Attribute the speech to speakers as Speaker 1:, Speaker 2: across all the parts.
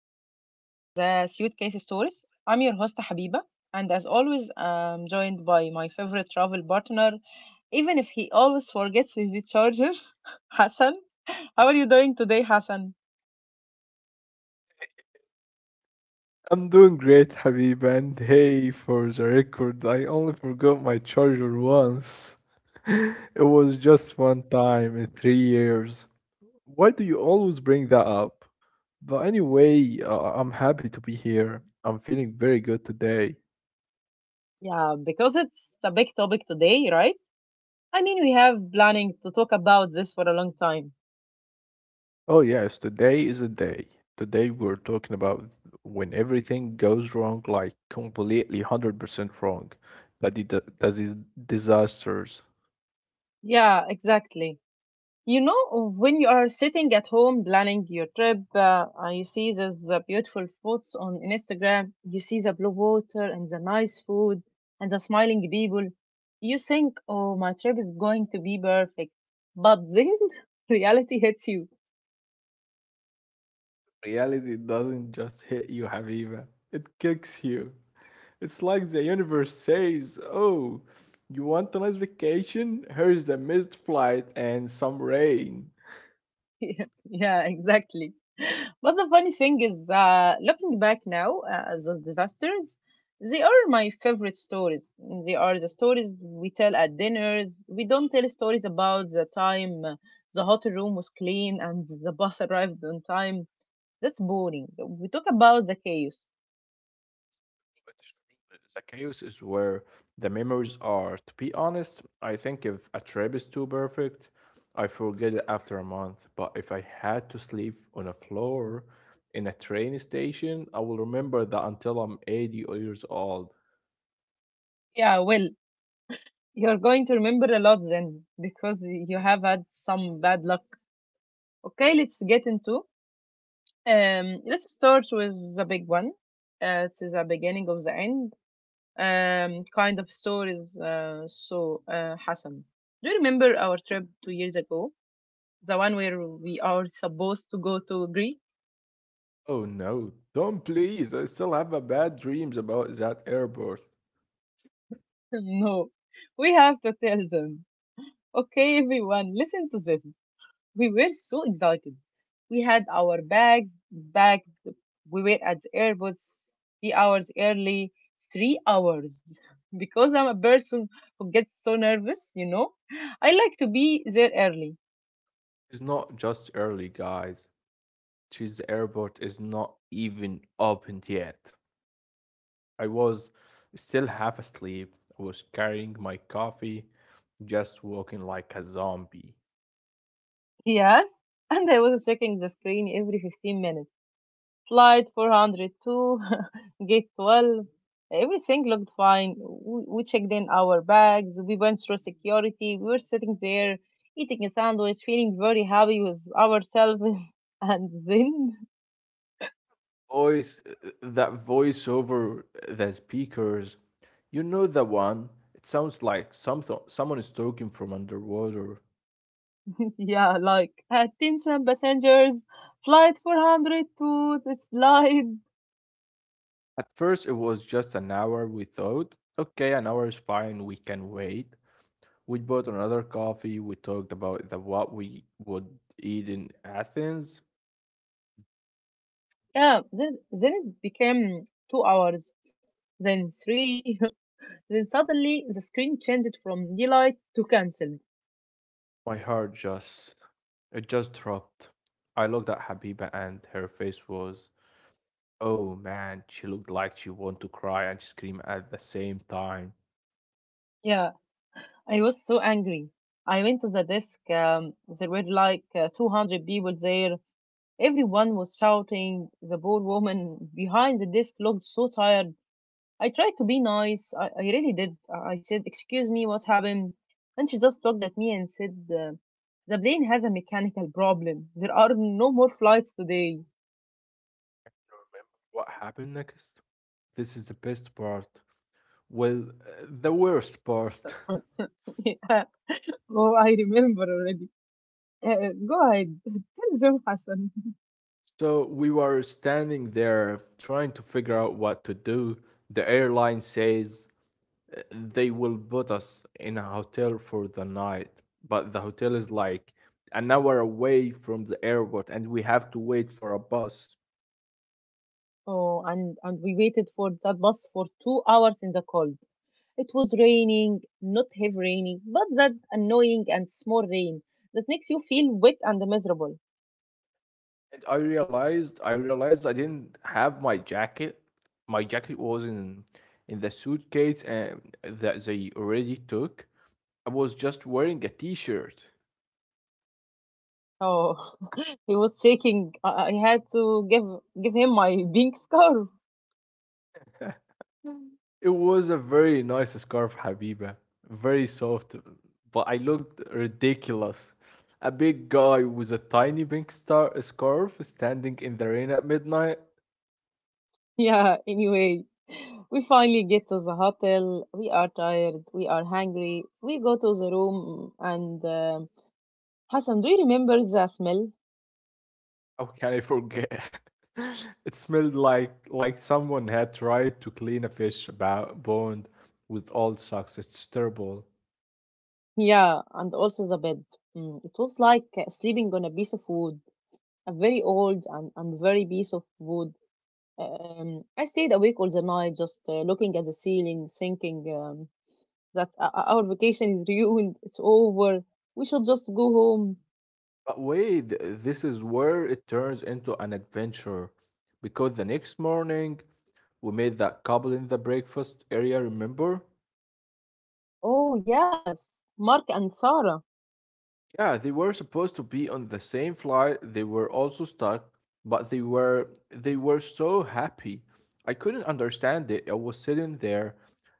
Speaker 1: another episode of the Suitcase Stories. I'm your host Habiba, and as always, I'm joined by my favorite travel partner, even if he always forgets his charger, Hassan. How are you doing today, Hassan?
Speaker 2: I'm doing great, Habib, and hey, for the record, I only forgot my charger once. It was just one time in 3 years. Why do you always bring that up? But anyway, I'm happy to be here. I'm feeling very good today.
Speaker 1: Yeah, because it's a big topic today, right? I mean, we have planning to talk about this for a long time.
Speaker 2: Oh, yes, today is a day. Today we're talking about when everything goes wrong, like completely 100% wrong. That it, that is disasters.
Speaker 1: Yeah, exactly. You know, when you are sitting at home planning your trip, you see these beautiful photos on Instagram, you see the blue water and the nice food and the smiling people. You think, oh, my trip is going to be perfect. But then reality hits you.
Speaker 2: Reality doesn't just hit you, Haviva. It kicks you. It's like the universe says, oh, you want a nice vacation? Here's a missed flight and some rain.
Speaker 1: Yeah, exactly. But the funny thing is, looking back now, those disasters, they are my favorite stories. They are the stories we tell at dinners. We don't tell stories about the time the hotel room was clean and the bus arrived on time. That's boring. We talk about the chaos.
Speaker 2: But it's true, the chaos is where the memories are. To be honest, I think if a trip is too perfect, I forget it after a month. But if I had to sleep on a floor in a train station, I will remember that until I'm 80 years old.
Speaker 1: Yeah, well, you're going to remember a lot then because you have had some bad luck. Okay, let's get into. Let's start with the big one. It's the beginning of the end, kind of stories. So, Hassan, do you remember our trip 2 years ago? The one where we are supposed to go to Greece?
Speaker 2: Oh no, don't please. I still have a bad dreams about that airport.
Speaker 1: No, we have to tell them. Okay, everyone, listen to this. We were so excited. We had our bags packed. We were at the airport 3 hours early. 3 hours. Because I'm a person who gets so nervous, you know. I like to be there early.
Speaker 2: It's not just early, guys. Cheese airport is not even opened yet. I was still half asleep. I was carrying my coffee, just walking like a zombie.
Speaker 1: Yeah, and I was checking the screen every 15 minutes. Flight 402, gate 12. Everything looked fine. We checked in our bags, we went through security, we were sitting there eating a sandwich, feeling very happy with ourselves. And then,
Speaker 2: Voice, that voice over the speakers, you know the one. It sounds like something someone is talking from underwater.
Speaker 1: yeah, like, attention passengers, flight 402, the slide.
Speaker 2: At first, it was just an hour. We thought, okay, an hour is fine. We can wait. We bought another coffee. We talked about what we would eat in Athens.
Speaker 1: Yeah, then it became 2 hours, then three. Then suddenly the screen changed from delight to cancelled.
Speaker 2: My heart just, it just dropped. I looked at Habiba, and her face was, oh man, she looked like she wanted to cry and scream at the same time.
Speaker 1: Yeah, I was so angry. I went to the desk. There were like 200 people there. Everyone was shouting. The poor woman behind the desk looked so tired. I tried to be nice. I really did. I said, excuse me, what happened? And she just looked at me and said, the plane has a mechanical problem. There are no more flights today.
Speaker 2: What happened next? This is the best part. Well, the worst part.
Speaker 1: Yeah. Oh, I remember already. Go ahead, tell them, Hassan.
Speaker 2: So we were standing there trying to figure out what to do. The airline says uh, they will put us in a hotel for the night, but the hotel is like an hour away from the airport and we have to wait for a bus.
Speaker 1: Oh, and we waited for that bus for 2 hours in the cold. It was raining, not heavy raining, but that annoying and small rain that makes you feel wet and miserable.
Speaker 2: And I realized I didn't have my jacket. My jacket was in the suitcase and that they already took. I was just wearing a t-shirt.
Speaker 1: Oh, he was shaking. I had to give him my pink scarf.
Speaker 2: Mm. It was a very nice scarf, Habiba. Very soft, but I looked ridiculous. A big guy with a tiny pink star scarf standing in the rain at midnight.
Speaker 1: Yeah, anyway, we finally get to the hotel. We are tired. We are hungry. We go to the room, and Hassan, do you remember the smell?
Speaker 2: How can I forget? It smelled like someone had tried to clean a fish about bond with old socks. It's terrible.
Speaker 1: Yeah, and also the bed. Mm, it was like sleeping on a piece of wood, a very old and very piece of wood. I stayed awake all the night, just looking at the ceiling, thinking that our vacation is ruined, it's over, we should just go home.
Speaker 2: But wait, this is where it turns into an adventure. Because the next morning, we met that couple in the breakfast area, remember?
Speaker 1: Oh, yes, Mark and Sarah.
Speaker 2: Yeah, they were supposed to be on the same flight. They were also stuck, but they were so happy. I couldn't understand it. I was sitting there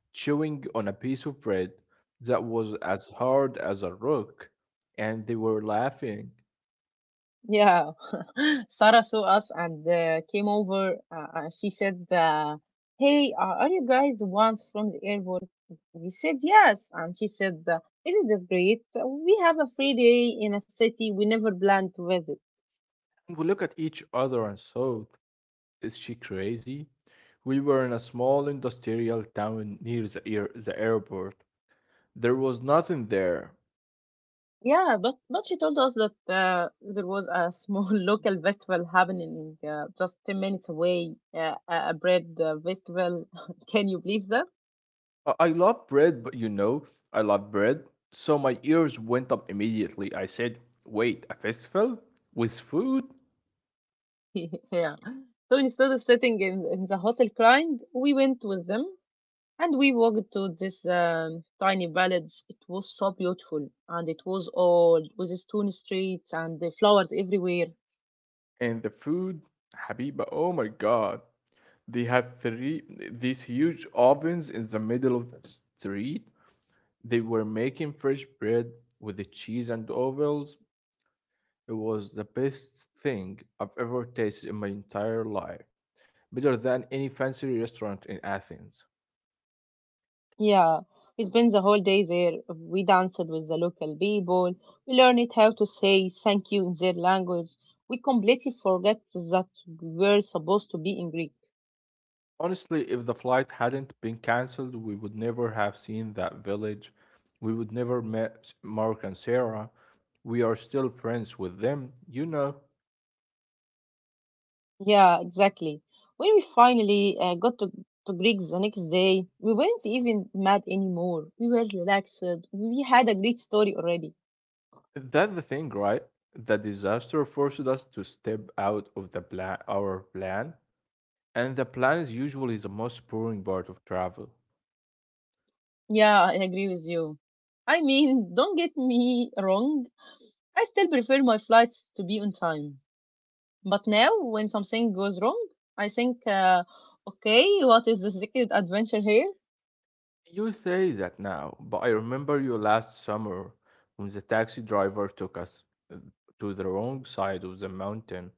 Speaker 2: chewing on a piece of bread that was as hard as a rock, and they were laughing.
Speaker 1: Yeah, Sarah saw us and came over, and she said, "Hey, are you guys the ones from the airport?" We said yes, and she said, "Isn't this great? We have a free day in a city we never planned to visit."
Speaker 2: And we looked at each other and thought, is she crazy? We were in a small industrial town near the airport. There was nothing there.
Speaker 1: Yeah, but she told us that there was a small local festival happening just 10 minutes away, a bread festival. Can you believe that?
Speaker 2: I love bread, but you know, I love bread. So my ears went up immediately. I said, wait, a festival? With food?
Speaker 1: Yeah. So instead of sitting in the hotel crying, we went with them. And we walked to this tiny village. It was so beautiful and it was old with stone streets and the flowers everywhere.
Speaker 2: And the food? Habiba, oh my god. They had three these huge ovens in the middle of the street. They were making fresh bread with the cheese and ovals. It was the best thing I've ever tasted in my entire life, better than any fancy restaurant in Athens.
Speaker 1: Yeah, we spent the whole day there. We danced with the local people. We learned how to say thank you in their language. We completely forgot that we were supposed to be in Greek.
Speaker 2: Honestly, if the flight hadn't been cancelled, we would never have seen that village. We would never met Mark and Sarah. We are still friends with them, you know.
Speaker 1: Yeah, exactly. When we finally to Greek the next day, we weren't even mad anymore. We were relaxed. We had a great story already.
Speaker 2: That's the thing, right? The disaster forced us to step out of our plan, and the plan is usually the most boring part of travel.
Speaker 1: Yeah, I agree with you. I mean, don't get me wrong, I still prefer my flights to be on time. But now, when something goes wrong, I think, okay, what is the secret adventure here?
Speaker 2: You say that now, but I remember you last summer when the taxi driver took us uh, to the wrong side of the mountain.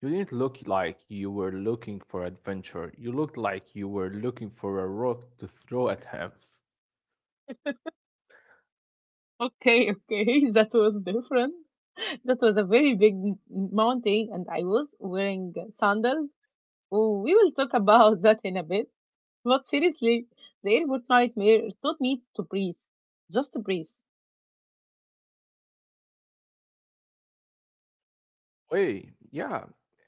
Speaker 2: You didn't look like you were looking for adventure. You looked like you were looking for a rock to throw at him.
Speaker 1: Okay, okay, that was different. That was a very big mountain, and I was wearing sandals. Oh, we will talk about that in a bit. But seriously, the airport nightmare taught me to breathe, just to breathe.
Speaker 2: Wait, yeah.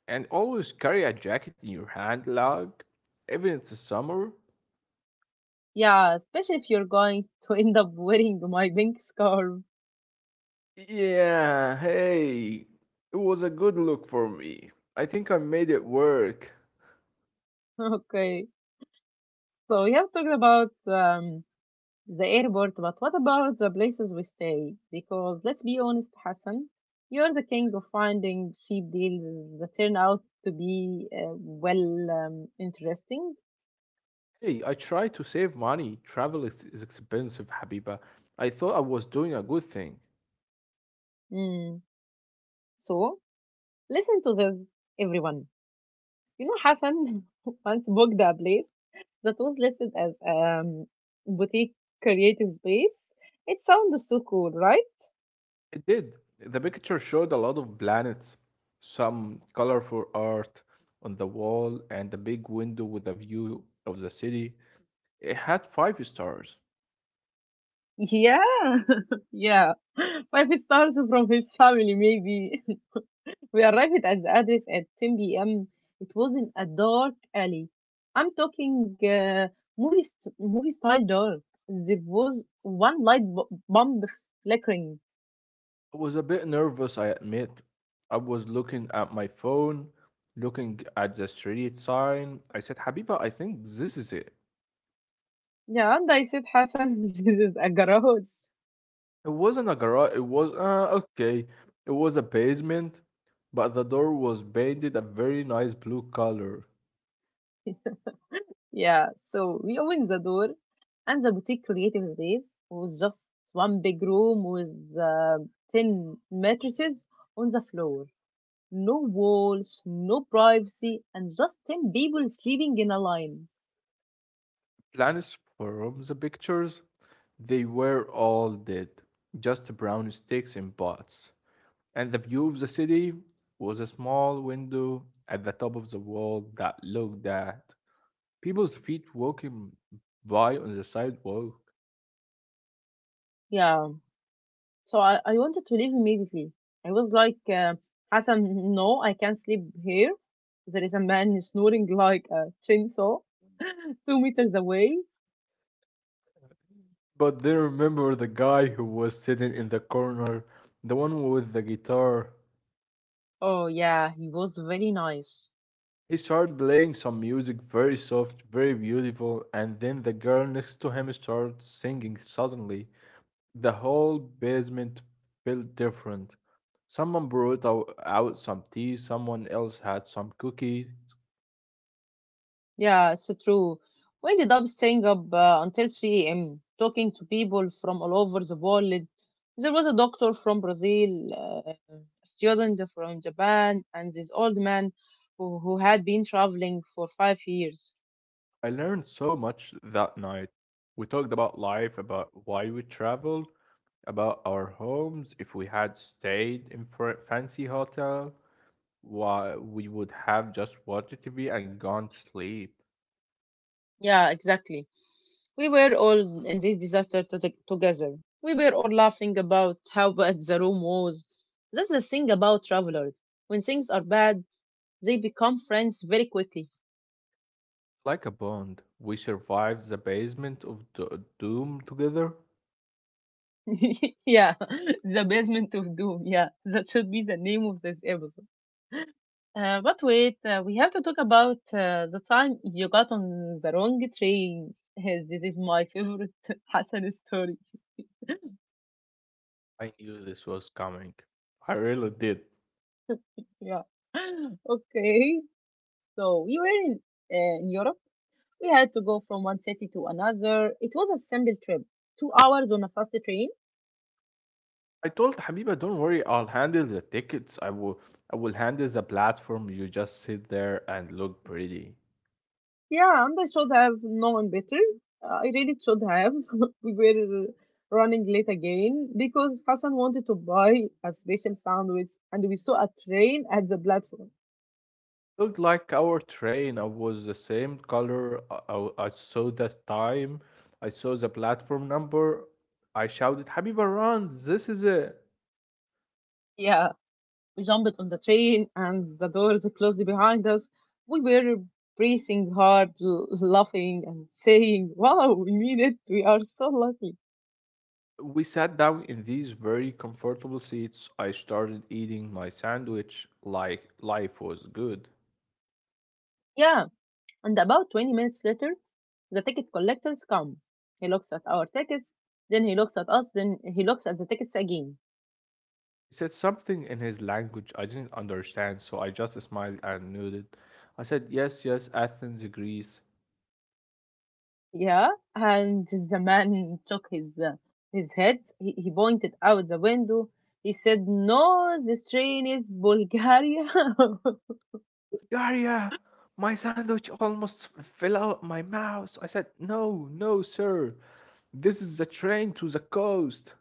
Speaker 2: And always carry a jacket in your hand, lug, even in the summer.
Speaker 1: Yeah, especially if you're going to end up wearing my pink scarf.
Speaker 2: Yeah, hey. It was a good look for me. I think I made it work.
Speaker 1: Okay, so we have talked about the airport, but what about the places we stay? Because let's be honest, Hassan, you're the king of finding cheap deals that turn out to be well, interesting.
Speaker 2: Hey, I try to save money. Travel is expensive, Habiba. I thought I was doing a good thing.
Speaker 1: Mm. So listen to this, everyone. You know, Hassan once booked a place that was listed as boutique creative space. It sounds so cool, right?
Speaker 2: I did. The picture showed a lot of planets, some colorful art on the wall, and a big window with a view of the city. It had five stars.
Speaker 1: Yeah, yeah. Five stars from his family, maybe. We arrived at the address at 10 p.m. It was in a dark alley. I'm talking movie style dark. There was one light bulb flickering.
Speaker 2: I was a bit nervous, I admit. I was looking at my phone, looking at the street sign. I said, Habiba, I think this is it.
Speaker 1: Yeah, and I said, Hassan, this is a garage.
Speaker 2: It wasn't a garage. It was okay. It was a basement, but the door was painted a very nice blue color.
Speaker 1: Yeah, so we opened the door, and the boutique creative space was just one big room with 10 mattresses on the floor. No walls, no privacy, and just 10 people sleeping in a line.
Speaker 2: Plans from the pictures, they were all dead, just brown sticks in pots. And the view of the city was a small window at the top of the wall that looked at people's feet walking by on the sidewalk.
Speaker 1: Yeah, so I wanted to leave immediately. I was like, Hassan, no, I can't sleep here. There is a man snoring like a chainsaw 2 meters away.
Speaker 2: But they remember the guy who was sitting in the corner, the one with the guitar.
Speaker 1: Oh, yeah, he was very nice.
Speaker 2: He started playing some music, very soft, very beautiful, and then the girl next to him started singing suddenly. The whole basement felt different. Someone brought out some tea, someone else had some cookies.
Speaker 1: Yeah, it's true. We ended up staying up until 3 a.m., talking to people from all over the world. There was a doctor from Brazil, a student from Japan, and this old man who had been traveling for 5 years.
Speaker 2: I learned so much that night. We talked about life, about why we traveled, about our homes, if we had stayed in fancy hotel, why we would have just watched TV and gone to sleep.
Speaker 1: Yeah, exactly. We were all in this disaster to together. We were all laughing about how bad the room was. That's the thing about travelers. When things are bad, they become friends very quickly.
Speaker 2: Like a bond, we survived the basement of the doom together.
Speaker 1: Yeah, the basement of doom. Yeah, that should be the name of this episode. But wait, we have to talk about the time you got on the wrong train. Yes, this is my favorite Hassan story.
Speaker 2: I knew this was coming. I really did.
Speaker 1: Yeah. Okay. So we were in Europe. We had to go from one city to another. It was a simple trip, 2 hours on a fast train.
Speaker 2: I told Habiba, don't worry, I'll handle the tickets. I will handle the platform. You just sit there and look pretty.
Speaker 1: Yeah, and I should have known better. I really should have. We were running late again because Hassan wanted to buy a special sandwich and we saw a train at the platform.
Speaker 2: Looked like our train. I was the same color. I saw the time. I saw the platform number. I shouted, Habiba, run! This is it.
Speaker 1: Yeah, we jumped on the train and the doors closed behind us. We were breathing hard, laughing and saying, wow, we made it. We are so lucky.
Speaker 2: We sat down in these very comfortable seats. I started eating my sandwich like life was good.
Speaker 1: Yeah, and about 20 minutes later, the ticket collectors come. He looks at our tickets, then he looks at us, then he looks at the tickets again.
Speaker 2: He said something in his language I didn't understand, so I just smiled and nodded. I said, yes, yes, Athens, Greece.
Speaker 1: Yeah, and the man shook his head. He pointed out the window. He said, "No, this train is Bulgaria."
Speaker 2: Bulgaria! My sandwich almost fell out my mouth. I said, no, no, sir. This is the train to the coast.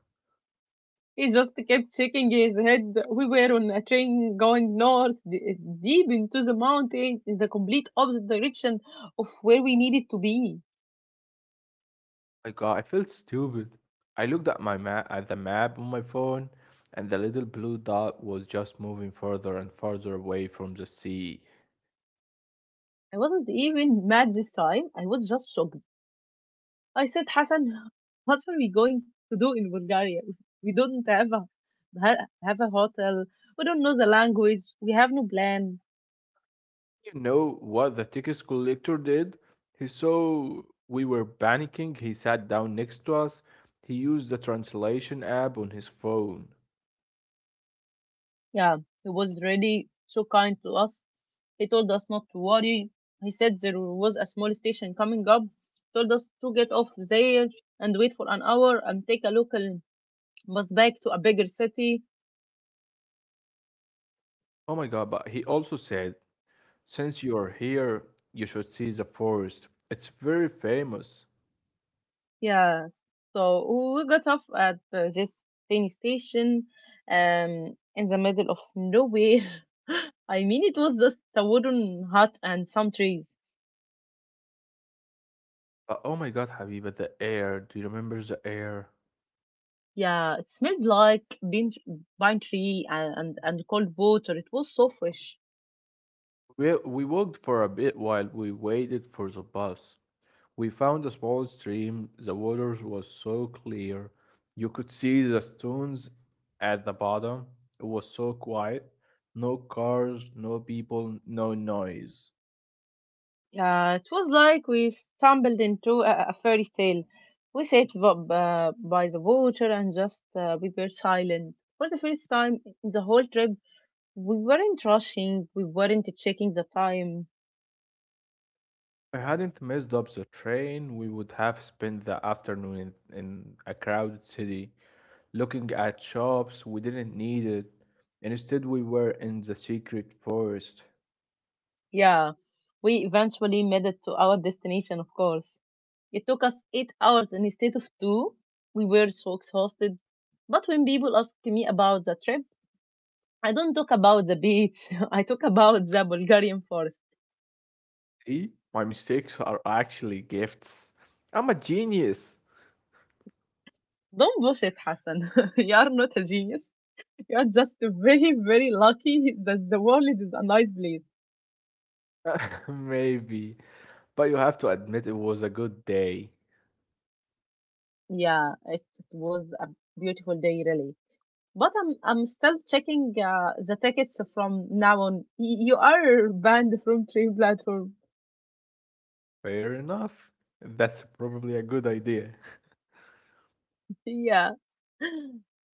Speaker 1: He just kept shaking his head. We were on a train going north, deep into the mountains, in the complete opposite direction of where we needed to be.
Speaker 2: My god, I felt stupid. I looked at my map at the map on my phone, and the little blue dot was just moving further and further away from the sea.
Speaker 1: I wasn't even mad this time. I was just shocked. I said, Hassan, what are we going to do in Bulgaria? We don't have a hotel. We don't know the language. We have no plan.
Speaker 2: You know what the ticket collector did? He saw we were panicking. He sat down next to us. He used the translation app on his phone.
Speaker 1: Yeah, he was really so kind to us. He told us not to worry. He said there was a small station coming up. Told us to get off there and wait for an hour and take a local bus back to a bigger city.
Speaker 2: Oh my god, but he also said, since you're here, you should see the forest. It's very famous.
Speaker 1: Yeah, so we got off at this tiny station in the middle of nowhere. I mean, it was just a wooden hut and some trees.
Speaker 2: But oh my god, Habiba, the air. Do you remember the air?
Speaker 1: Yeah, it smelled like pine tree and cold water. It was so fresh.
Speaker 2: We walked for a bit while we waited for the bus. We found a small stream. The water was so clear. You could see the stones at the bottom. It was so quiet. No cars, no people, no noise.
Speaker 1: Yeah, it was like we stumbled into a fairy tale. We sat by the water and just we were silent. For the first time in the whole trip, we weren't rushing, we weren't checking the time.
Speaker 2: If I hadn't messed up the train, we would have spent the afternoon in a crowded city, looking at shops we didn't need it. Instead, we were in the secret forest.
Speaker 1: Yeah, we eventually made it to our destination, of course. It took us 8 hours instead of two. We were so exhausted. But when people ask me about the trip, I don't talk about the beach. I talk about the Bulgarian forest.
Speaker 2: See, my mistakes are actually gifts. I'm a genius.
Speaker 1: Don't bullshit, Hassan. You are not a genius. You are just very, very lucky that the world is a nice place.
Speaker 2: Maybe. But you have to admit it was a good day.
Speaker 1: Yeah, it was a beautiful day, really. But I'm still checking the tickets from now on. You are banned from train platform.
Speaker 2: Fair enough. That's probably a good idea.
Speaker 1: Yeah.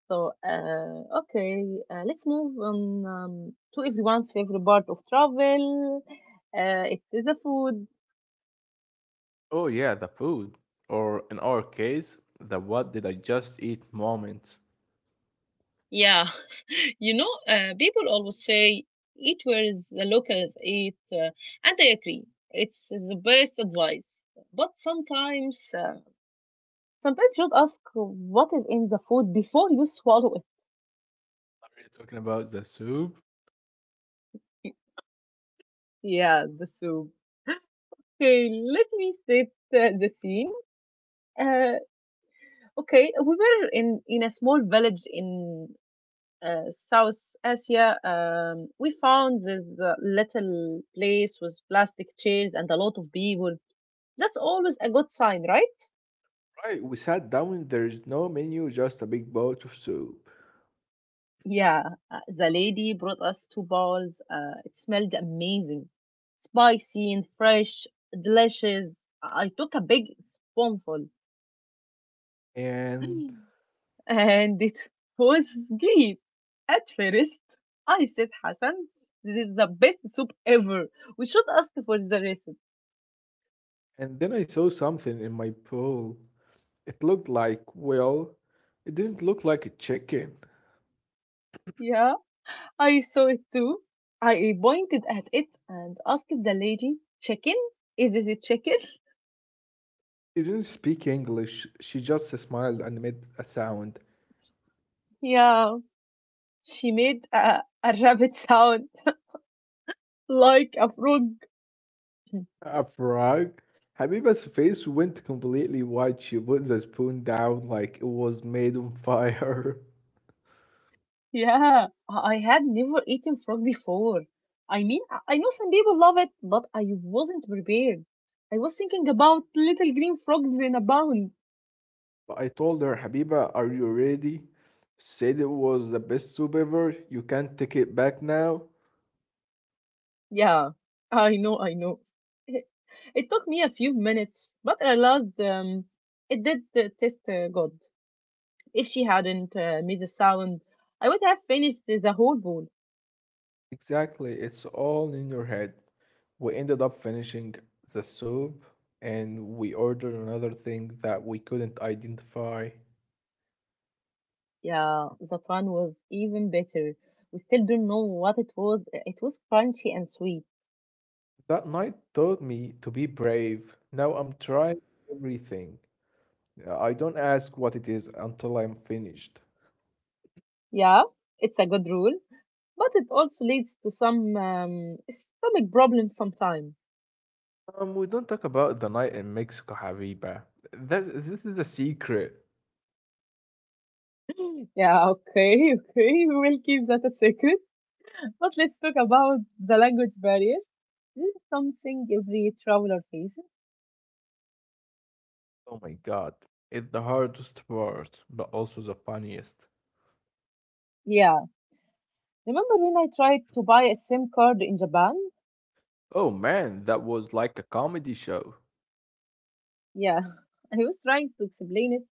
Speaker 1: So let's move on to everyone's favorite part of travel. It is the food.
Speaker 2: Oh, yeah, the food. Or in our case, the what did I just eat moments.
Speaker 1: Yeah, people always say eat where the locals eat, and I agree. It's the best advice. But sometimes you should ask what is in the food before you swallow it.
Speaker 2: Are you talking about the soup?
Speaker 1: Yeah, the soup. Okay, let me set the scene. Uh, okay, we were in a small village in South Asia. We found this little place with plastic chairs and a lot of people. That's always a good sign, right?
Speaker 2: Right, we sat down, there's no menu, just a big bowl of soup.
Speaker 1: Yeah, the lady brought us two bowls. It smelled amazing, spicy and fresh, delicious. I took a big spoonful.
Speaker 2: And
Speaker 1: And it was great. At first, I said, "Hassan, this is the best soup ever. We should ask for the recipe."
Speaker 2: and then I saw something in my bowl. It looked like, well, it didn't look like a chicken.
Speaker 1: Yeah, I saw it too. I pointed at it and asked the lady, "Chicken? Is this a chicken?"
Speaker 2: She didn't speak English. She just smiled and made a sound.
Speaker 1: Yeah, she made a rabbit sound like a frog.
Speaker 2: A frog? Habiba's face went completely white. She put the spoon down like it was made on fire.
Speaker 1: Yeah, I had never eaten frog before. I mean, I know some people love it, but I wasn't prepared. I was thinking about little green frogs in a pond.
Speaker 2: But I told her, Habiba, are you ready? Said it was the best soup ever. You can't take it back now.
Speaker 1: Yeah, I know, I know. It it took me a few minutes, but I realized it did taste good. If she hadn't made the sound, I would have finished the whole bowl.
Speaker 2: Exactly, it's all in your head. We ended up finishing the soup and we ordered another thing that we couldn't identify.
Speaker 1: Yeah, the fun was even better. We still don't know what it was. It was crunchy and sweet.
Speaker 2: That night taught me to be brave. Now I'm trying everything. I don't ask what it is until I'm finished.
Speaker 1: Yeah, it's a good rule, but it also leads to some stomach problems sometimes.
Speaker 2: We don't talk about the night in Mexico, Habiba. That this is the secret.
Speaker 1: Yeah, okay, okay, we will keep that a secret. But let's talk about the language barrier. This is something every traveler faces.
Speaker 2: Oh my God, it's the hardest part, but also the funniest.
Speaker 1: Yeah, remember when I tried to buy a SIM card in Japan?
Speaker 2: Oh man, that was like a comedy show.
Speaker 1: Yeah, I was trying to explain it,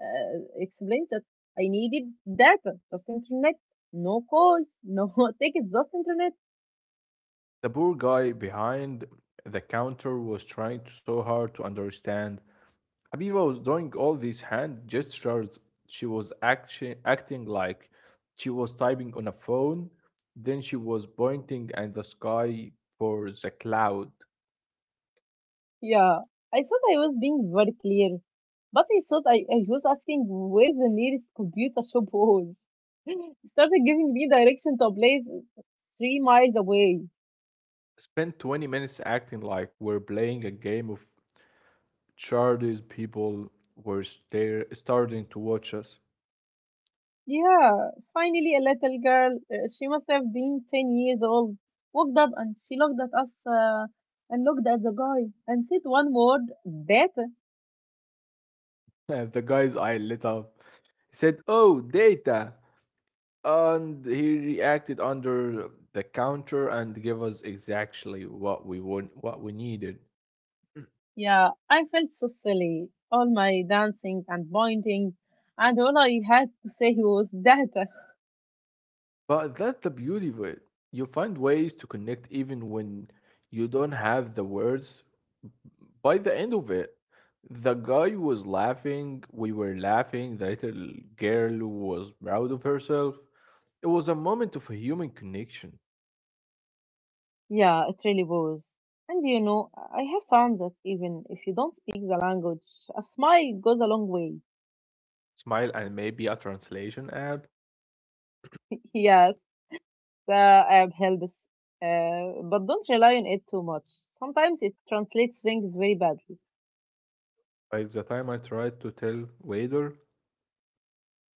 Speaker 1: explain that I needed data, just internet, no calls, no tickets, just internet.
Speaker 2: The poor guy behind the counter was trying so hard to understand. Habiba was doing all these hand gestures. She was acting like she was typing on a phone. Then she was pointing at the sky for the cloud.
Speaker 1: Yeah, I thought I was being very clear, but I thought I was asking where the nearest computer shop was. It started giving me direction to a place 3 miles away.
Speaker 2: Spent 20 minutes acting like we're playing a game of charades. People were starting to watch us.
Speaker 1: Yeah, finally a little girl, she must have been 10 years old, walked up and she looked at us and looked at the guy and said one word, that.
Speaker 2: The guy's eye lit up. He said, oh, data. And he reacted under the counter and gave us exactly what we want, what we needed.
Speaker 1: Yeah, I felt so silly. All my dancing and pointing, and all I had to say was that.
Speaker 2: But that's the beauty of it. You find ways to connect even when you don't have the words. By the end of it, the guy was laughing, we were laughing, the little girl was proud of herself. It was a moment of a human connection,
Speaker 1: Yeah, it really was. And you know, I have found that even if you don't speak the language, a smile goes a long way.
Speaker 2: smile, and maybe a translation app.
Speaker 1: Yes, I helps, but don't rely on it too much. Sometimes it translates things very badly.
Speaker 2: By the time I tried to tell waiter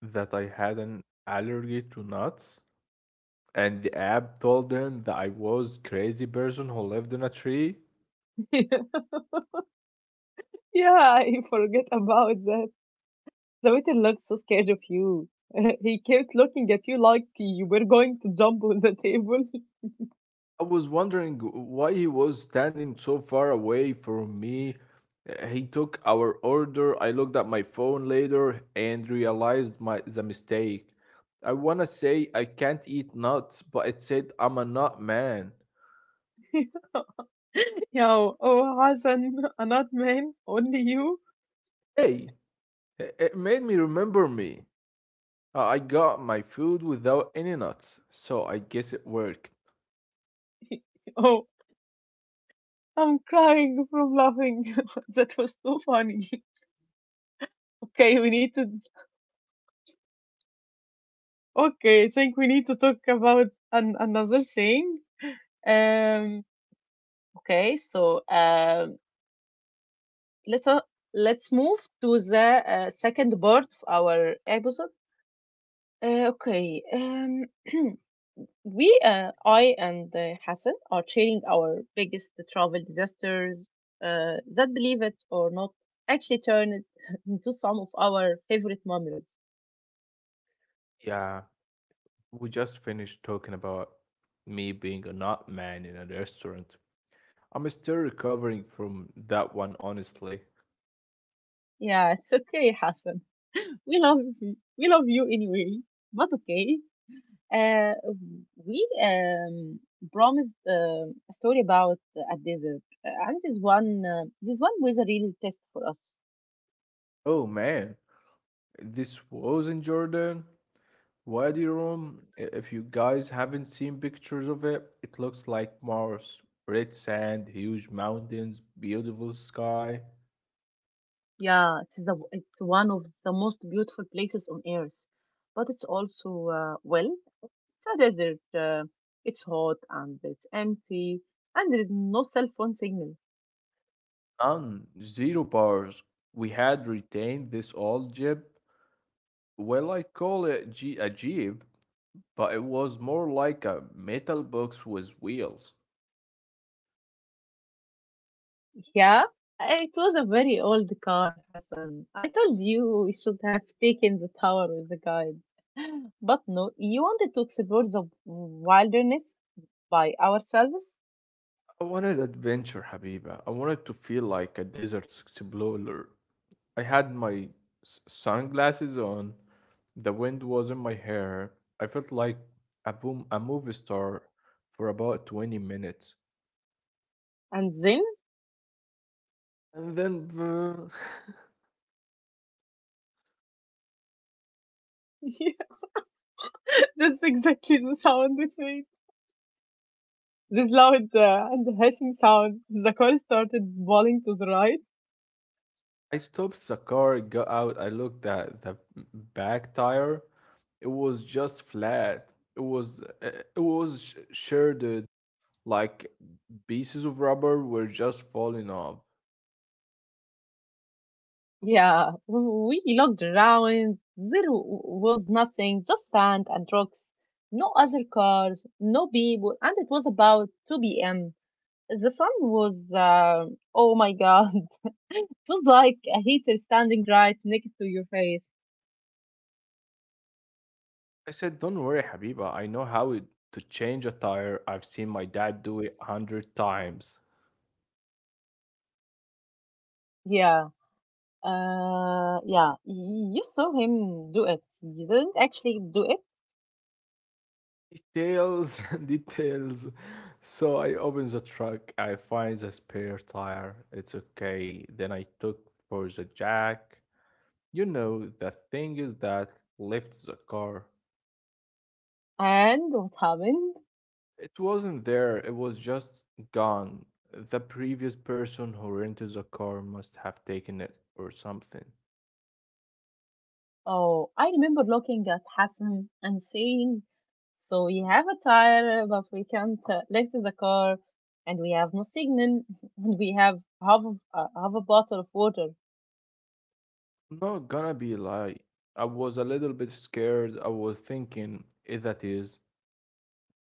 Speaker 2: that I had an allergy to nuts, and the app told them that I was crazy person who lived in a tree.
Speaker 1: Yeah, I forget about that. The waiter looked so scared of you. He kept looking at you like you were going to jump on the table.
Speaker 2: I was wondering why he was standing so far away from me. He took our order. I looked at my phone later and realized my the mistake. I wanna say I can't eat nuts, but it said I'm a nut man.
Speaker 1: Yeah, oh, Hassan, another man, only you.
Speaker 2: Hey, it made me remember me. I got my food without any nuts, so I guess it worked.
Speaker 1: Oh. I'm crying from laughing. That was so funny. Okay, we need to. Okay, I think we need to talk about another thing. Um. Okay, so um, let's uh, let's move to the second part of our episode. Uh, okay. Um. we I and Hassan are sharing our biggest travel disasters. That believe it or not, actually turned into some of our favorite memories.
Speaker 2: Yeah, we just finished talking about me being a nut man in a restaurant. I'm still recovering from that one, honestly.
Speaker 1: Yeah, it's okay, Hassan. We love you anyway. But okay, uh, we promised a story about a desert. And this one was a real test for us.
Speaker 2: Oh man, this was in Jordan, Wadi Rum. If you guys haven't seen pictures of it, it looks like Mars. Red sand, huge mountains, beautiful sky.
Speaker 1: Yeah, it's one of the most beautiful places on earth, but it's also uh, well, it's a desert. It's hot and it's empty, and there is no cell phone signal.
Speaker 2: None, zero bars. We had retained this old jib. Well, I call it a jeep, but it was more like a metal box with wheels.
Speaker 1: Yeah, it was a very old car, Hassan. I told you we should have taken the tower with the guide. But no, you wanted to explore the wilderness by ourselves,
Speaker 2: I wanted adventure, Habiba. I wanted to feel like a desert explorer. I had my sunglasses on, the wind was in my hair. I felt like a movie star for about 20 minutes.
Speaker 1: and then
Speaker 2: And then
Speaker 1: yeah, that's exactly the sound it made. This loud and hissing sound. The car started falling to the right.
Speaker 2: I stopped the car, got out, I looked at the back tire. It was just flat. It was it was sh- shared. Like pieces of rubber were just falling off.
Speaker 1: Yeah, we looked around. There was nothing, just sand and rocks. No other cars, no people, and it was about 2 p.m. The sun was, oh my God, it was like a heater standing right next to your face.
Speaker 2: I said, Don't worry, Habiba, I know how it, to change a tire. I've seen my dad do it a hundred times.
Speaker 1: Yeah, yeah, you saw him do it. You didn't actually do it.
Speaker 2: Details, details. So I open the truck, I find the spare tire. It's okay. Then I took for the jack. You know, the thing is that lifts the car.
Speaker 1: And what happened?
Speaker 2: It wasn't there, it was just gone. The previous person who rented the car must have taken it or something.
Speaker 1: Oh, I remember looking at Hassan and saying, so we have a tire, but we can't lift the car, and we have no signal, and we have half a bottle of water.
Speaker 2: I'm not gonna be lie. I was a little bit scared. I was thinking, if that is,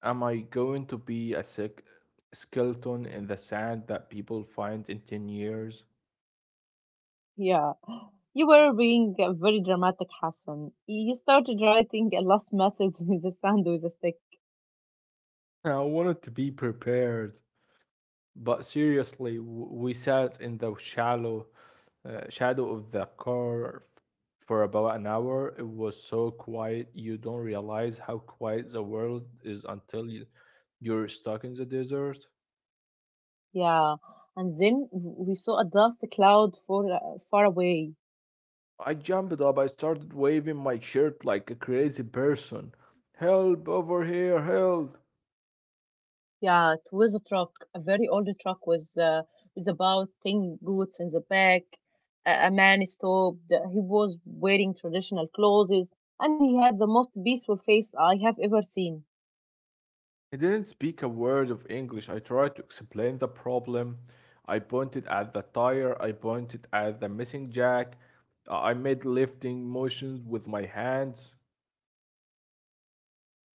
Speaker 2: am I going to be a sick skeleton in the sand that people find in 10 years?
Speaker 1: Yeah, you were being very dramatic, Hassan. You started writing a last message in the sand with a stick.
Speaker 2: I wanted to be prepared. But seriously, we sat in the shallow shadow of the car for about an hour. It was so quiet, you don't realize how quiet the world is until you, you're stuck in the desert.
Speaker 1: Yeah, and then we saw a dust cloud far away.
Speaker 2: I jumped up, I started waving my shirt like a crazy person. Help over here, help!
Speaker 1: Yeah, it was a truck, a very old truck with about 10 goods in the back. A man stopped. He was wearing traditional clothes, and he had the most peaceful face I have ever seen.
Speaker 2: He didn't speak a word of English. I tried to explain the problem. I pointed at the tire. I pointed at the missing jack. I made lifting motions with my hands.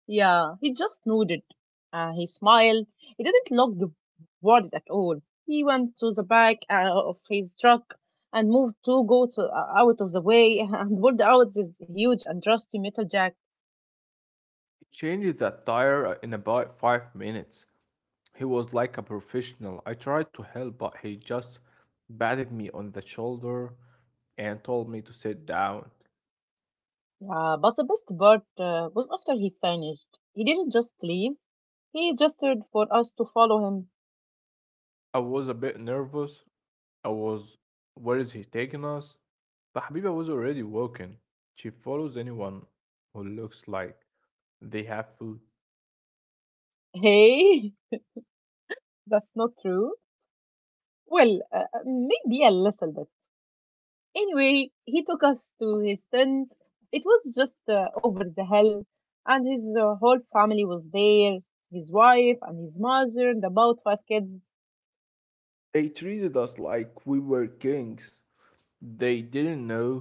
Speaker 1: Yeah, he just nodded. He smiled. He didn't look the worried at all. He went to the back of his truck and moved two goats out of the way and pulled out this huge and rusty metal jack.
Speaker 2: He changed that tire in about 5 minutes. He was like a professional. I tried to help, but he just patted me on the shoulder and told me to sit down.
Speaker 1: Yeah, but the best part was after he finished. He didn't just leave, he gestured for us to follow him.
Speaker 2: I was a bit nervous, I was, Where is he taking us? But Habiba was already walking. She follows anyone who looks like they have food.
Speaker 1: Hey, that's not true. Well, maybe a little bit. Anyway, he took us to his tent. It was just over the hill, and his whole family was there, his wife and his mother and about 5 kids.
Speaker 2: They treated us like we were kings. They didn't know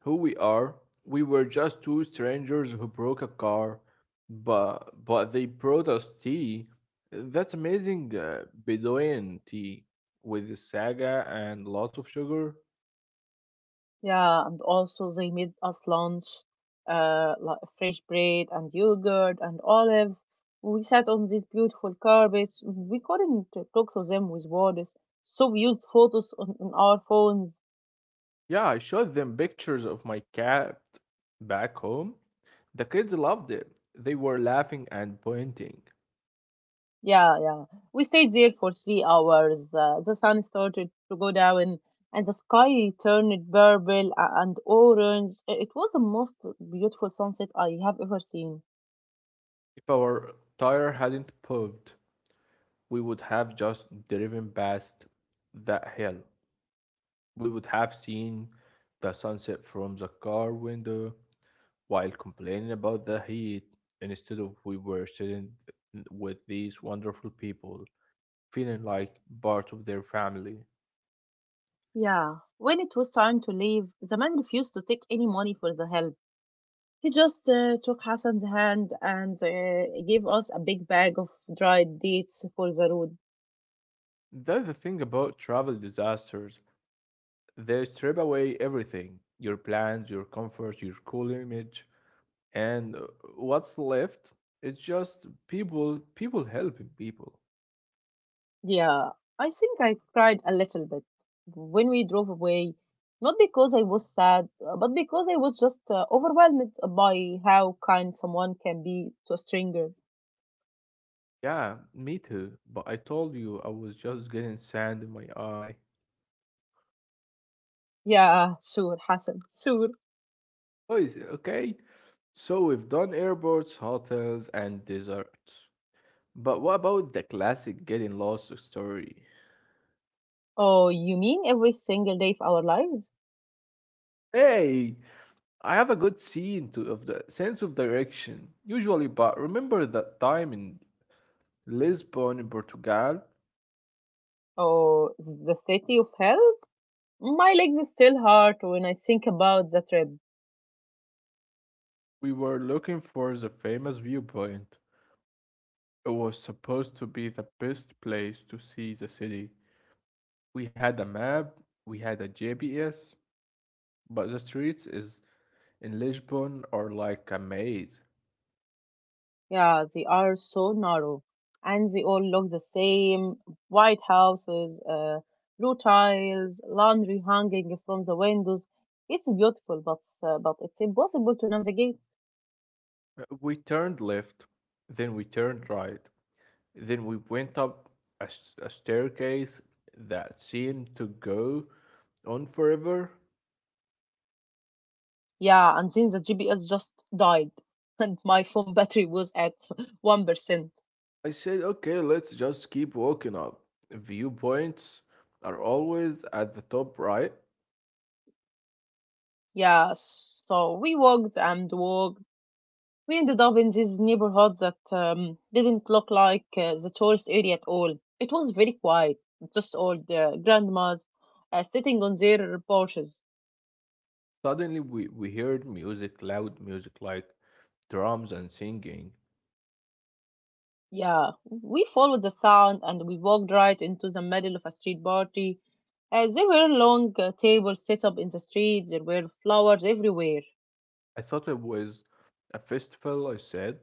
Speaker 2: who we are. We were just two strangers who broke a car, but they brought us tea. That's amazing Bedouin tea with saga and lots of sugar.
Speaker 1: Yeah, and also they made us lunch, like fresh bread and yogurt and olives. We sat on these beautiful carpets. We couldn't talk to them with words, so we used photos on our phones.
Speaker 2: Yeah, I showed them pictures of my cat back home. The kids loved it. They were laughing and pointing.
Speaker 1: Yeah, yeah. We stayed there for 3 hours. The sun started to go down, and the sky turned purple and orange. It was the most beautiful sunset I have ever seen.
Speaker 2: If our tire hadn't popped, we would have just driven past that hill. We would have seen the sunset from the car window while complaining about the heat instead of we were sitting with these wonderful people feeling like part of their family.
Speaker 1: Yeah. When it was time to leave, the man refused to take any money for the help. He just took Hassan's hand and gave us a big bag of dried dates for the road.
Speaker 2: That's the thing about travel disasters. They strip away everything your plans, your comfort, your cool image, and what's left? It's just people, people helping people.
Speaker 1: Yeah, I think I cried a little bit when we drove away, not because I was sad, but because I was just overwhelmed by how kind someone can be to a stranger.
Speaker 2: Yeah, me too. But I told you I was just getting sand in my eye.
Speaker 1: Yeah, sure, Hassan, sure.
Speaker 2: Oh, is it okay? So we've done airports, hotels, and desserts. But what about the classic getting lost story?
Speaker 1: Oh, you mean every single day of our lives?
Speaker 2: Hey, I have a good scene to, of the sense of direction usually, but remember that time in Lisbon in Portugal,
Speaker 1: Oh, the city of hell? My legs still hurt when I think about the trip.
Speaker 2: we were looking for the famous viewpoint. It was supposed to be the best place to see the city. We had a map, we had a GPS, but the streets is in Lisbon are like a maze.
Speaker 1: Yeah, they are so narrow, and they all look the same. White houses, blue tiles, laundry hanging from the windows. It's beautiful, but it's impossible to navigate.
Speaker 2: We turned left, then we turned right, then we went up a staircase that seemed to go on forever.
Speaker 1: Yeah, and then the GPS just died, and my phone battery was at 1%.
Speaker 2: I said, okay, let's just keep walking up. Viewpoints are always at the top right.
Speaker 1: Yeah, so we walked and walked. We ended up in this neighborhood that didn't look like the tourist area at all. It was very quiet, just old grandmas sitting on their porches.
Speaker 2: Suddenly, we heard music, loud music like drums and singing.
Speaker 1: Yeah, we followed the sound and we walked right into the middle of a street party. There were long tables set up in the street, there were flowers everywhere.
Speaker 2: I thought it was a festival. I said,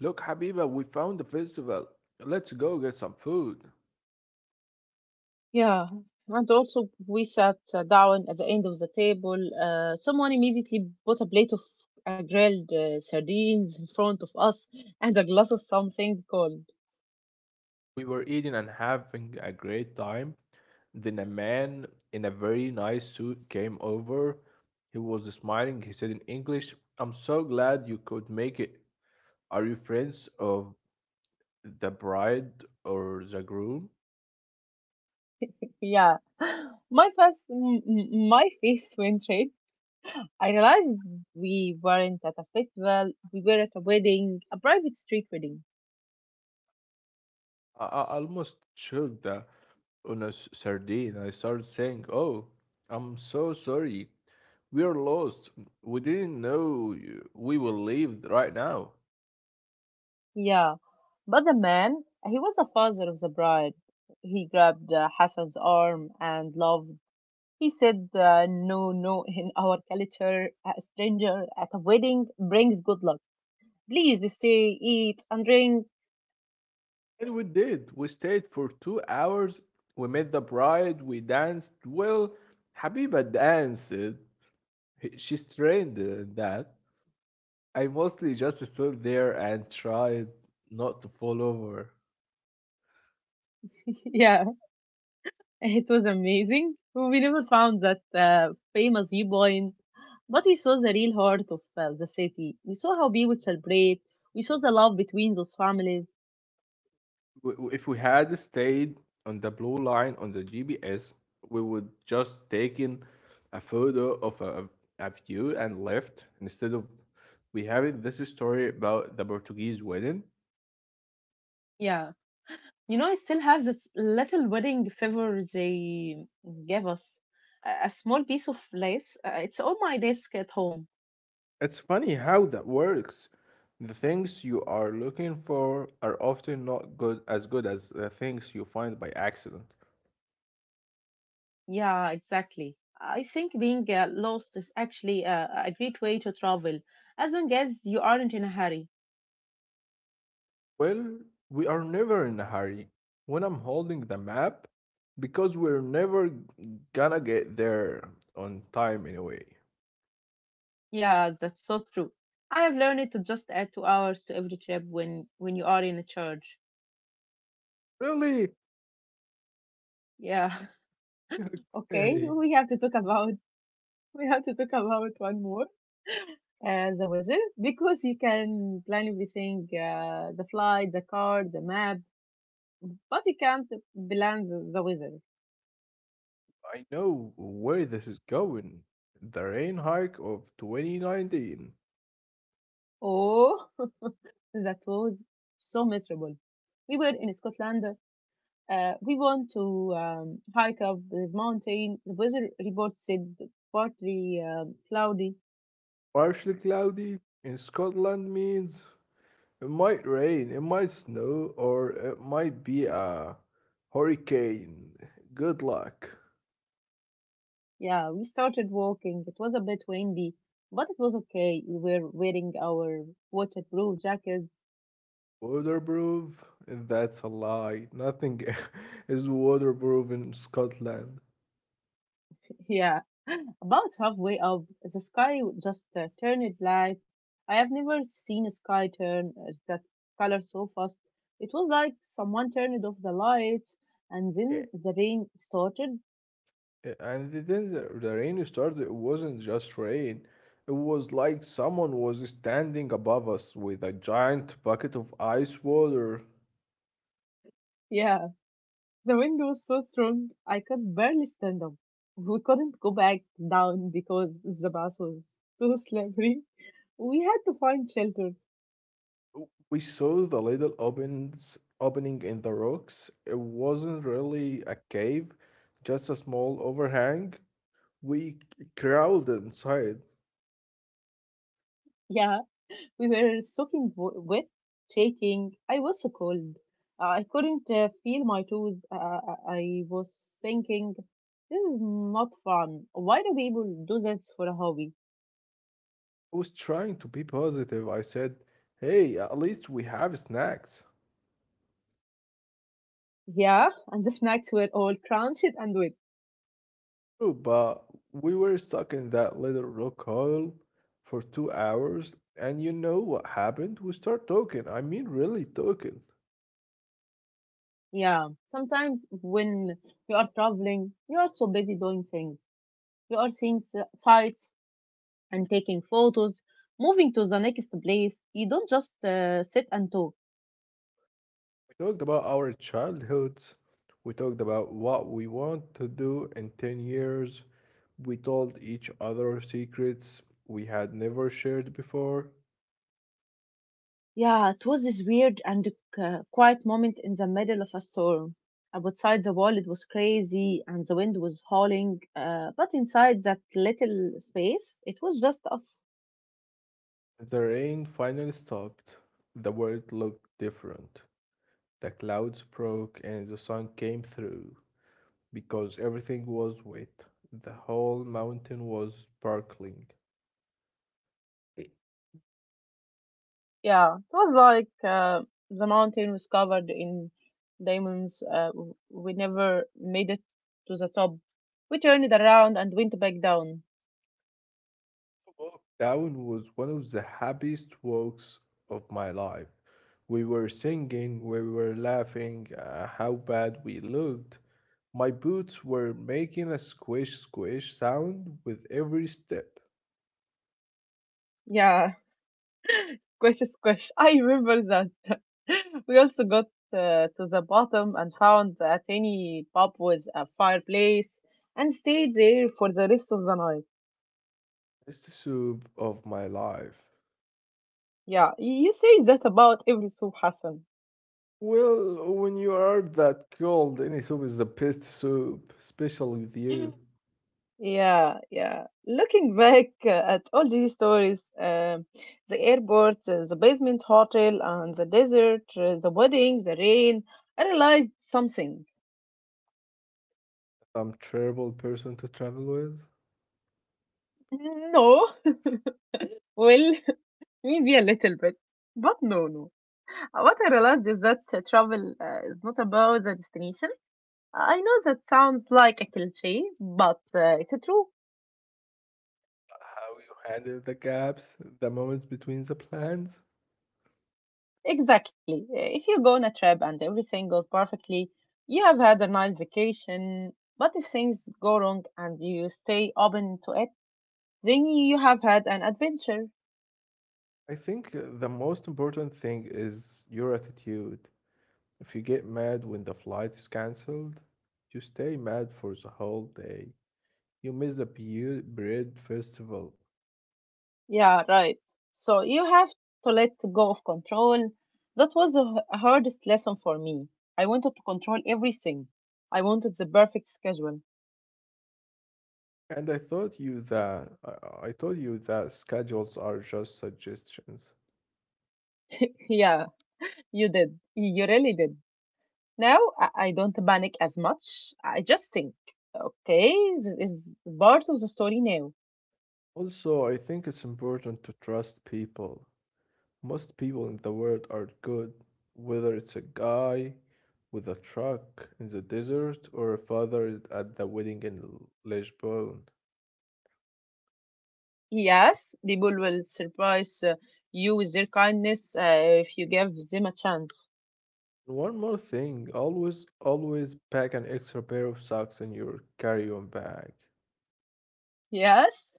Speaker 2: Look, Habiba, we found a festival. Let's go get some food.
Speaker 1: Yeah, and also we sat down at the end of the table. Someone immediately put a plate of grilled sardines in front of us and a glass of something cold.
Speaker 2: We were eating and having a great time. Then a man in a very nice suit came over. He was smiling. He said in English, I'm so glad you could make it. Are you friends of the bride or the groom?
Speaker 1: Yeah, my face, my face went red. I realized we weren't at a festival; we were at a wedding, a private street wedding.
Speaker 2: I almost choked on a sardine. I started saying, Oh, I'm so sorry. We are lost. We didn't know you- We will leave right now.
Speaker 1: Yeah, but the man, he was the father of the bride. He grabbed Hassan's arm and laughed. He said, "No, no, in our culture, a stranger at a wedding brings good luck. Please stay, eat, and drink."
Speaker 2: And we did. We stayed for 2 hours. We met the bride. We danced. Well, Habiba danced. She's trained in that. I mostly just stood there and tried not to fall over.
Speaker 1: Yeah, it was amazing. We never found that famous viewpoint, but we saw the real heart of the city. We saw how people celebrate. We saw the love between those families.
Speaker 2: If we had stayed on the blue line on the GPS, we would just taken a photo of a view and left instead of we having this story about the Portuguese wedding.
Speaker 1: Yeah. You know, I still have this little wedding favor they gave us. A small piece of lace. It's on my desk at home.
Speaker 2: It's funny how that works. The things you are looking for are often not good as good as the things you find by accident.
Speaker 1: Yeah, exactly. I think being lost is actually a great way to travel, as long as you aren't in a hurry.
Speaker 2: Well, we are never in a hurry when I'm holding the map because we're never gonna get there on time anyway.
Speaker 1: Yeah, that's so true. I have learned to just add 2 hours to every trip when you are in a church.
Speaker 2: Really?
Speaker 1: Yeah. Okay,
Speaker 2: Okay.
Speaker 1: we have to talk about we have to talk about one more the weather, because you can plan everything, the flight, the car, the map, but you can't plan the weather.
Speaker 2: I know where this is going. The rain hike of 2019.
Speaker 1: Oh, that was so miserable. We were in Scotland. We want to hike up this mountain. The weather report said partly cloudy.
Speaker 2: Partially cloudy in Scotland means it might rain, it might snow, or it might be a hurricane. Good luck.
Speaker 1: Yeah, we started walking. It was a bit windy, but it was okay. We were wearing our waterproof jackets.
Speaker 2: Waterproof? That's a lie. Nothing is waterproof in Scotland.
Speaker 1: Yeah, about halfway up, the sky just turned black. I have never seen a sky turn that color so fast. It was like someone turned off the lights, and
Speaker 2: Eh,
Speaker 1: then the rain started.
Speaker 2: And then the rain started, it wasn't just rain. It was like someone was standing above us with a giant bucket of ice water.
Speaker 1: Yeah, the wind was so strong I could barely stand up. We couldn't go back down because the bus was too slippery. We had to find shelter.
Speaker 2: We saw the little opening in the rocks. It wasn't really a cave, just a small overhang. Crawled inside.
Speaker 1: Yeah, we were soaking wet, shaking. I was so cold. I couldn't feel my toes. I was thinking, this is not fun. Why do people do this for a hobby?
Speaker 2: I was trying to be positive. I said, hey, at least we have snacks.
Speaker 1: Yeah, and the snacks were all crunched and wet.
Speaker 2: True, but we were stuck in that little rock hole for 2 hours. And you know what happened? We start talking. I mean, really talking.
Speaker 1: Yeah, sometimes when you are traveling, you are so busy doing things. You are seeing sights and taking photos, moving to the next place. You don't just sit and talk.
Speaker 2: We talked about our childhoods. We talked about what we want to do in 10 years. We told each other secrets we had never shared before.
Speaker 1: Yeah, it was this weird and quiet moment in the middle of a storm. Outside the wall, it was crazy and the wind was howling, but inside that little space, it was just us.
Speaker 2: The rain finally stopped. The world looked different. The clouds broke and the sun came through. Because everything was wet, the whole mountain was sparkling. The
Speaker 1: Yeah, it was like the mountain was covered in diamonds. We never made it to the top. We turned around and went back down.
Speaker 2: walk down was one of the happiest walks of my life. We were singing, we were laughing, how bad we looked. My boots were making a squish squish sound with every step.
Speaker 1: Yeah, squish, squish. I remember that. We also got to the bottom and found a tiny pub with a fireplace and stayed there for the rest of the night.
Speaker 2: It's the soup of my life.
Speaker 1: Yeah, you say that about every soup, Hassan.
Speaker 2: Well, when you are that cold, any soup is the best soup, especially with you.
Speaker 1: Yeah, yeah. Looking back at all these stories, um the airport, the basement hotel, and the desert, the wedding, the rain, I realized something.
Speaker 2: Some terrible person to travel with.
Speaker 1: No, well, maybe a little bit, but no, no. What I realized is that travel is not about the destination. I know that sounds like a cliché, but it's true.
Speaker 2: How you handle the gaps, the moments between the plans.
Speaker 1: Exactly. If you go on a trip and everything goes perfectly, you have had a nice vacation. But if things go wrong and you stay open to it, then you have had an adventure.
Speaker 2: I think the most important thing is your attitude. If you get mad when the flight is cancelled, you stay mad for the whole day. You miss the bread festival.
Speaker 1: Yeah, right. So you have to let go of control. That was the hardest lesson for me. I wanted to control everything. I wanted the perfect schedule.
Speaker 2: And I thought you that I told you that schedules are just suggestions.
Speaker 1: Yeah, you did. You really did. Now I don't panic as much. I just think, okay, this is part of the story now.
Speaker 2: Also, I think it's important to trust people. Most people in the world are good, whether it's a guy with a truck in the desert or a father at the wedding in Lisbon.
Speaker 1: Yes, people will surprise you with their kindness if you give them a chance.
Speaker 2: One more thing, always, always pack an extra pair of socks in your carry-on bag.
Speaker 1: Yes,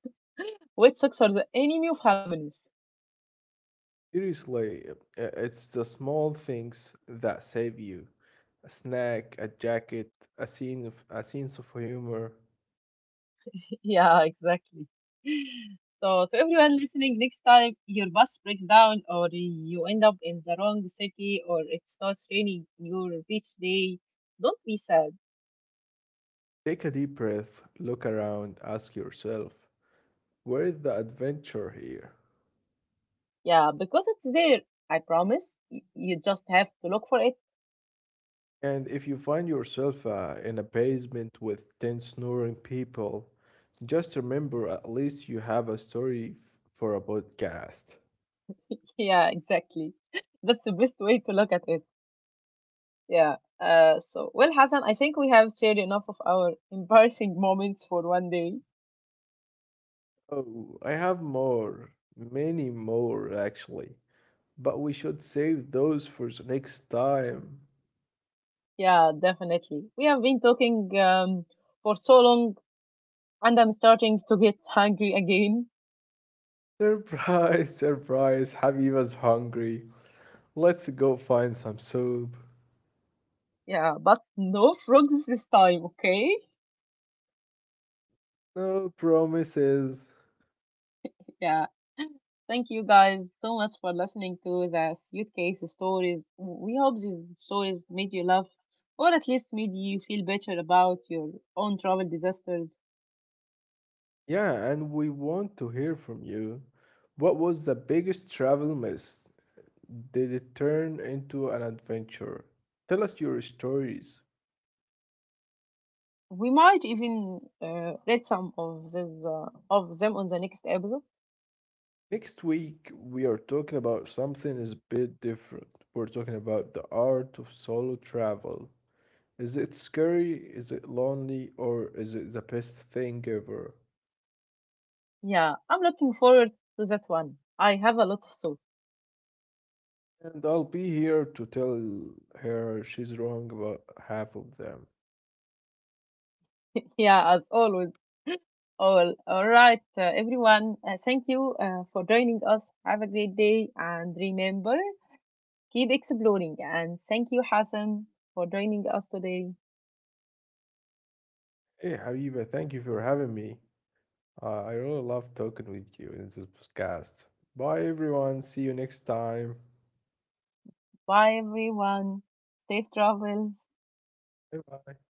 Speaker 1: wet socks are the enemy of happiness.
Speaker 2: Seriously, it's the small things that save you. A snack, a jacket, a sense of humor.
Speaker 1: Yeah, exactly. So, to everyone listening, next time your bus breaks down or you end up in the wrong city or it starts raining your beach day, don't be sad.
Speaker 2: Take a deep breath, look around, ask yourself, where is the adventure here?
Speaker 1: Yeah, because it's there. I promise. You just have to look for it.
Speaker 2: And if you find yourself in a basement with 10 snoring people, just remember at least you have a story for a podcast.
Speaker 1: Yeah, exactly. That's the best way to look at it. Yeah. So, Hassan, I think we have shared enough of our embarrassing moments for one day.
Speaker 2: Oh, I have more, many more actually, but we should save those for the next time.
Speaker 1: Yeah, definitely. We have been talking for so long, and I'm starting to get hungry again.
Speaker 2: Surprise, surprise, Habiba's hungry. Let's go find some soup.
Speaker 1: Yeah, but no frogs this time, okay?
Speaker 2: No promises.
Speaker 1: Yeah. Thank you guys so much for listening to The Suitcase Stories. We hope these stories made you laugh or at least made you feel better about your own travel disasters.
Speaker 2: Yeah, and we want to hear from you. What was the biggest travel miss? Did it turn into an adventure? Tell us your stories.
Speaker 1: We might even read some of of them on the next episode.
Speaker 2: Next week, we are talking about something is a bit different. We're talking about the art of solo travel. Is it scary? Is it lonely? Or is it the best thing ever?
Speaker 1: Yeah, I'm looking forward to that one. I have a lot of thoughts.
Speaker 2: And I'll be here to tell her she's wrong about half of them.
Speaker 1: Yeah, as always. All right, everyone. Thank you for joining us. Have a great day, and remember, keep exploring. And thank you, Hassan, for joining us today.
Speaker 2: Hey, Habiba, thank you for having me. I really love talking with you in this podcast. Bye, everyone. See you next time.
Speaker 1: Bye, everyone. Safe travel.
Speaker 2: Bye bye.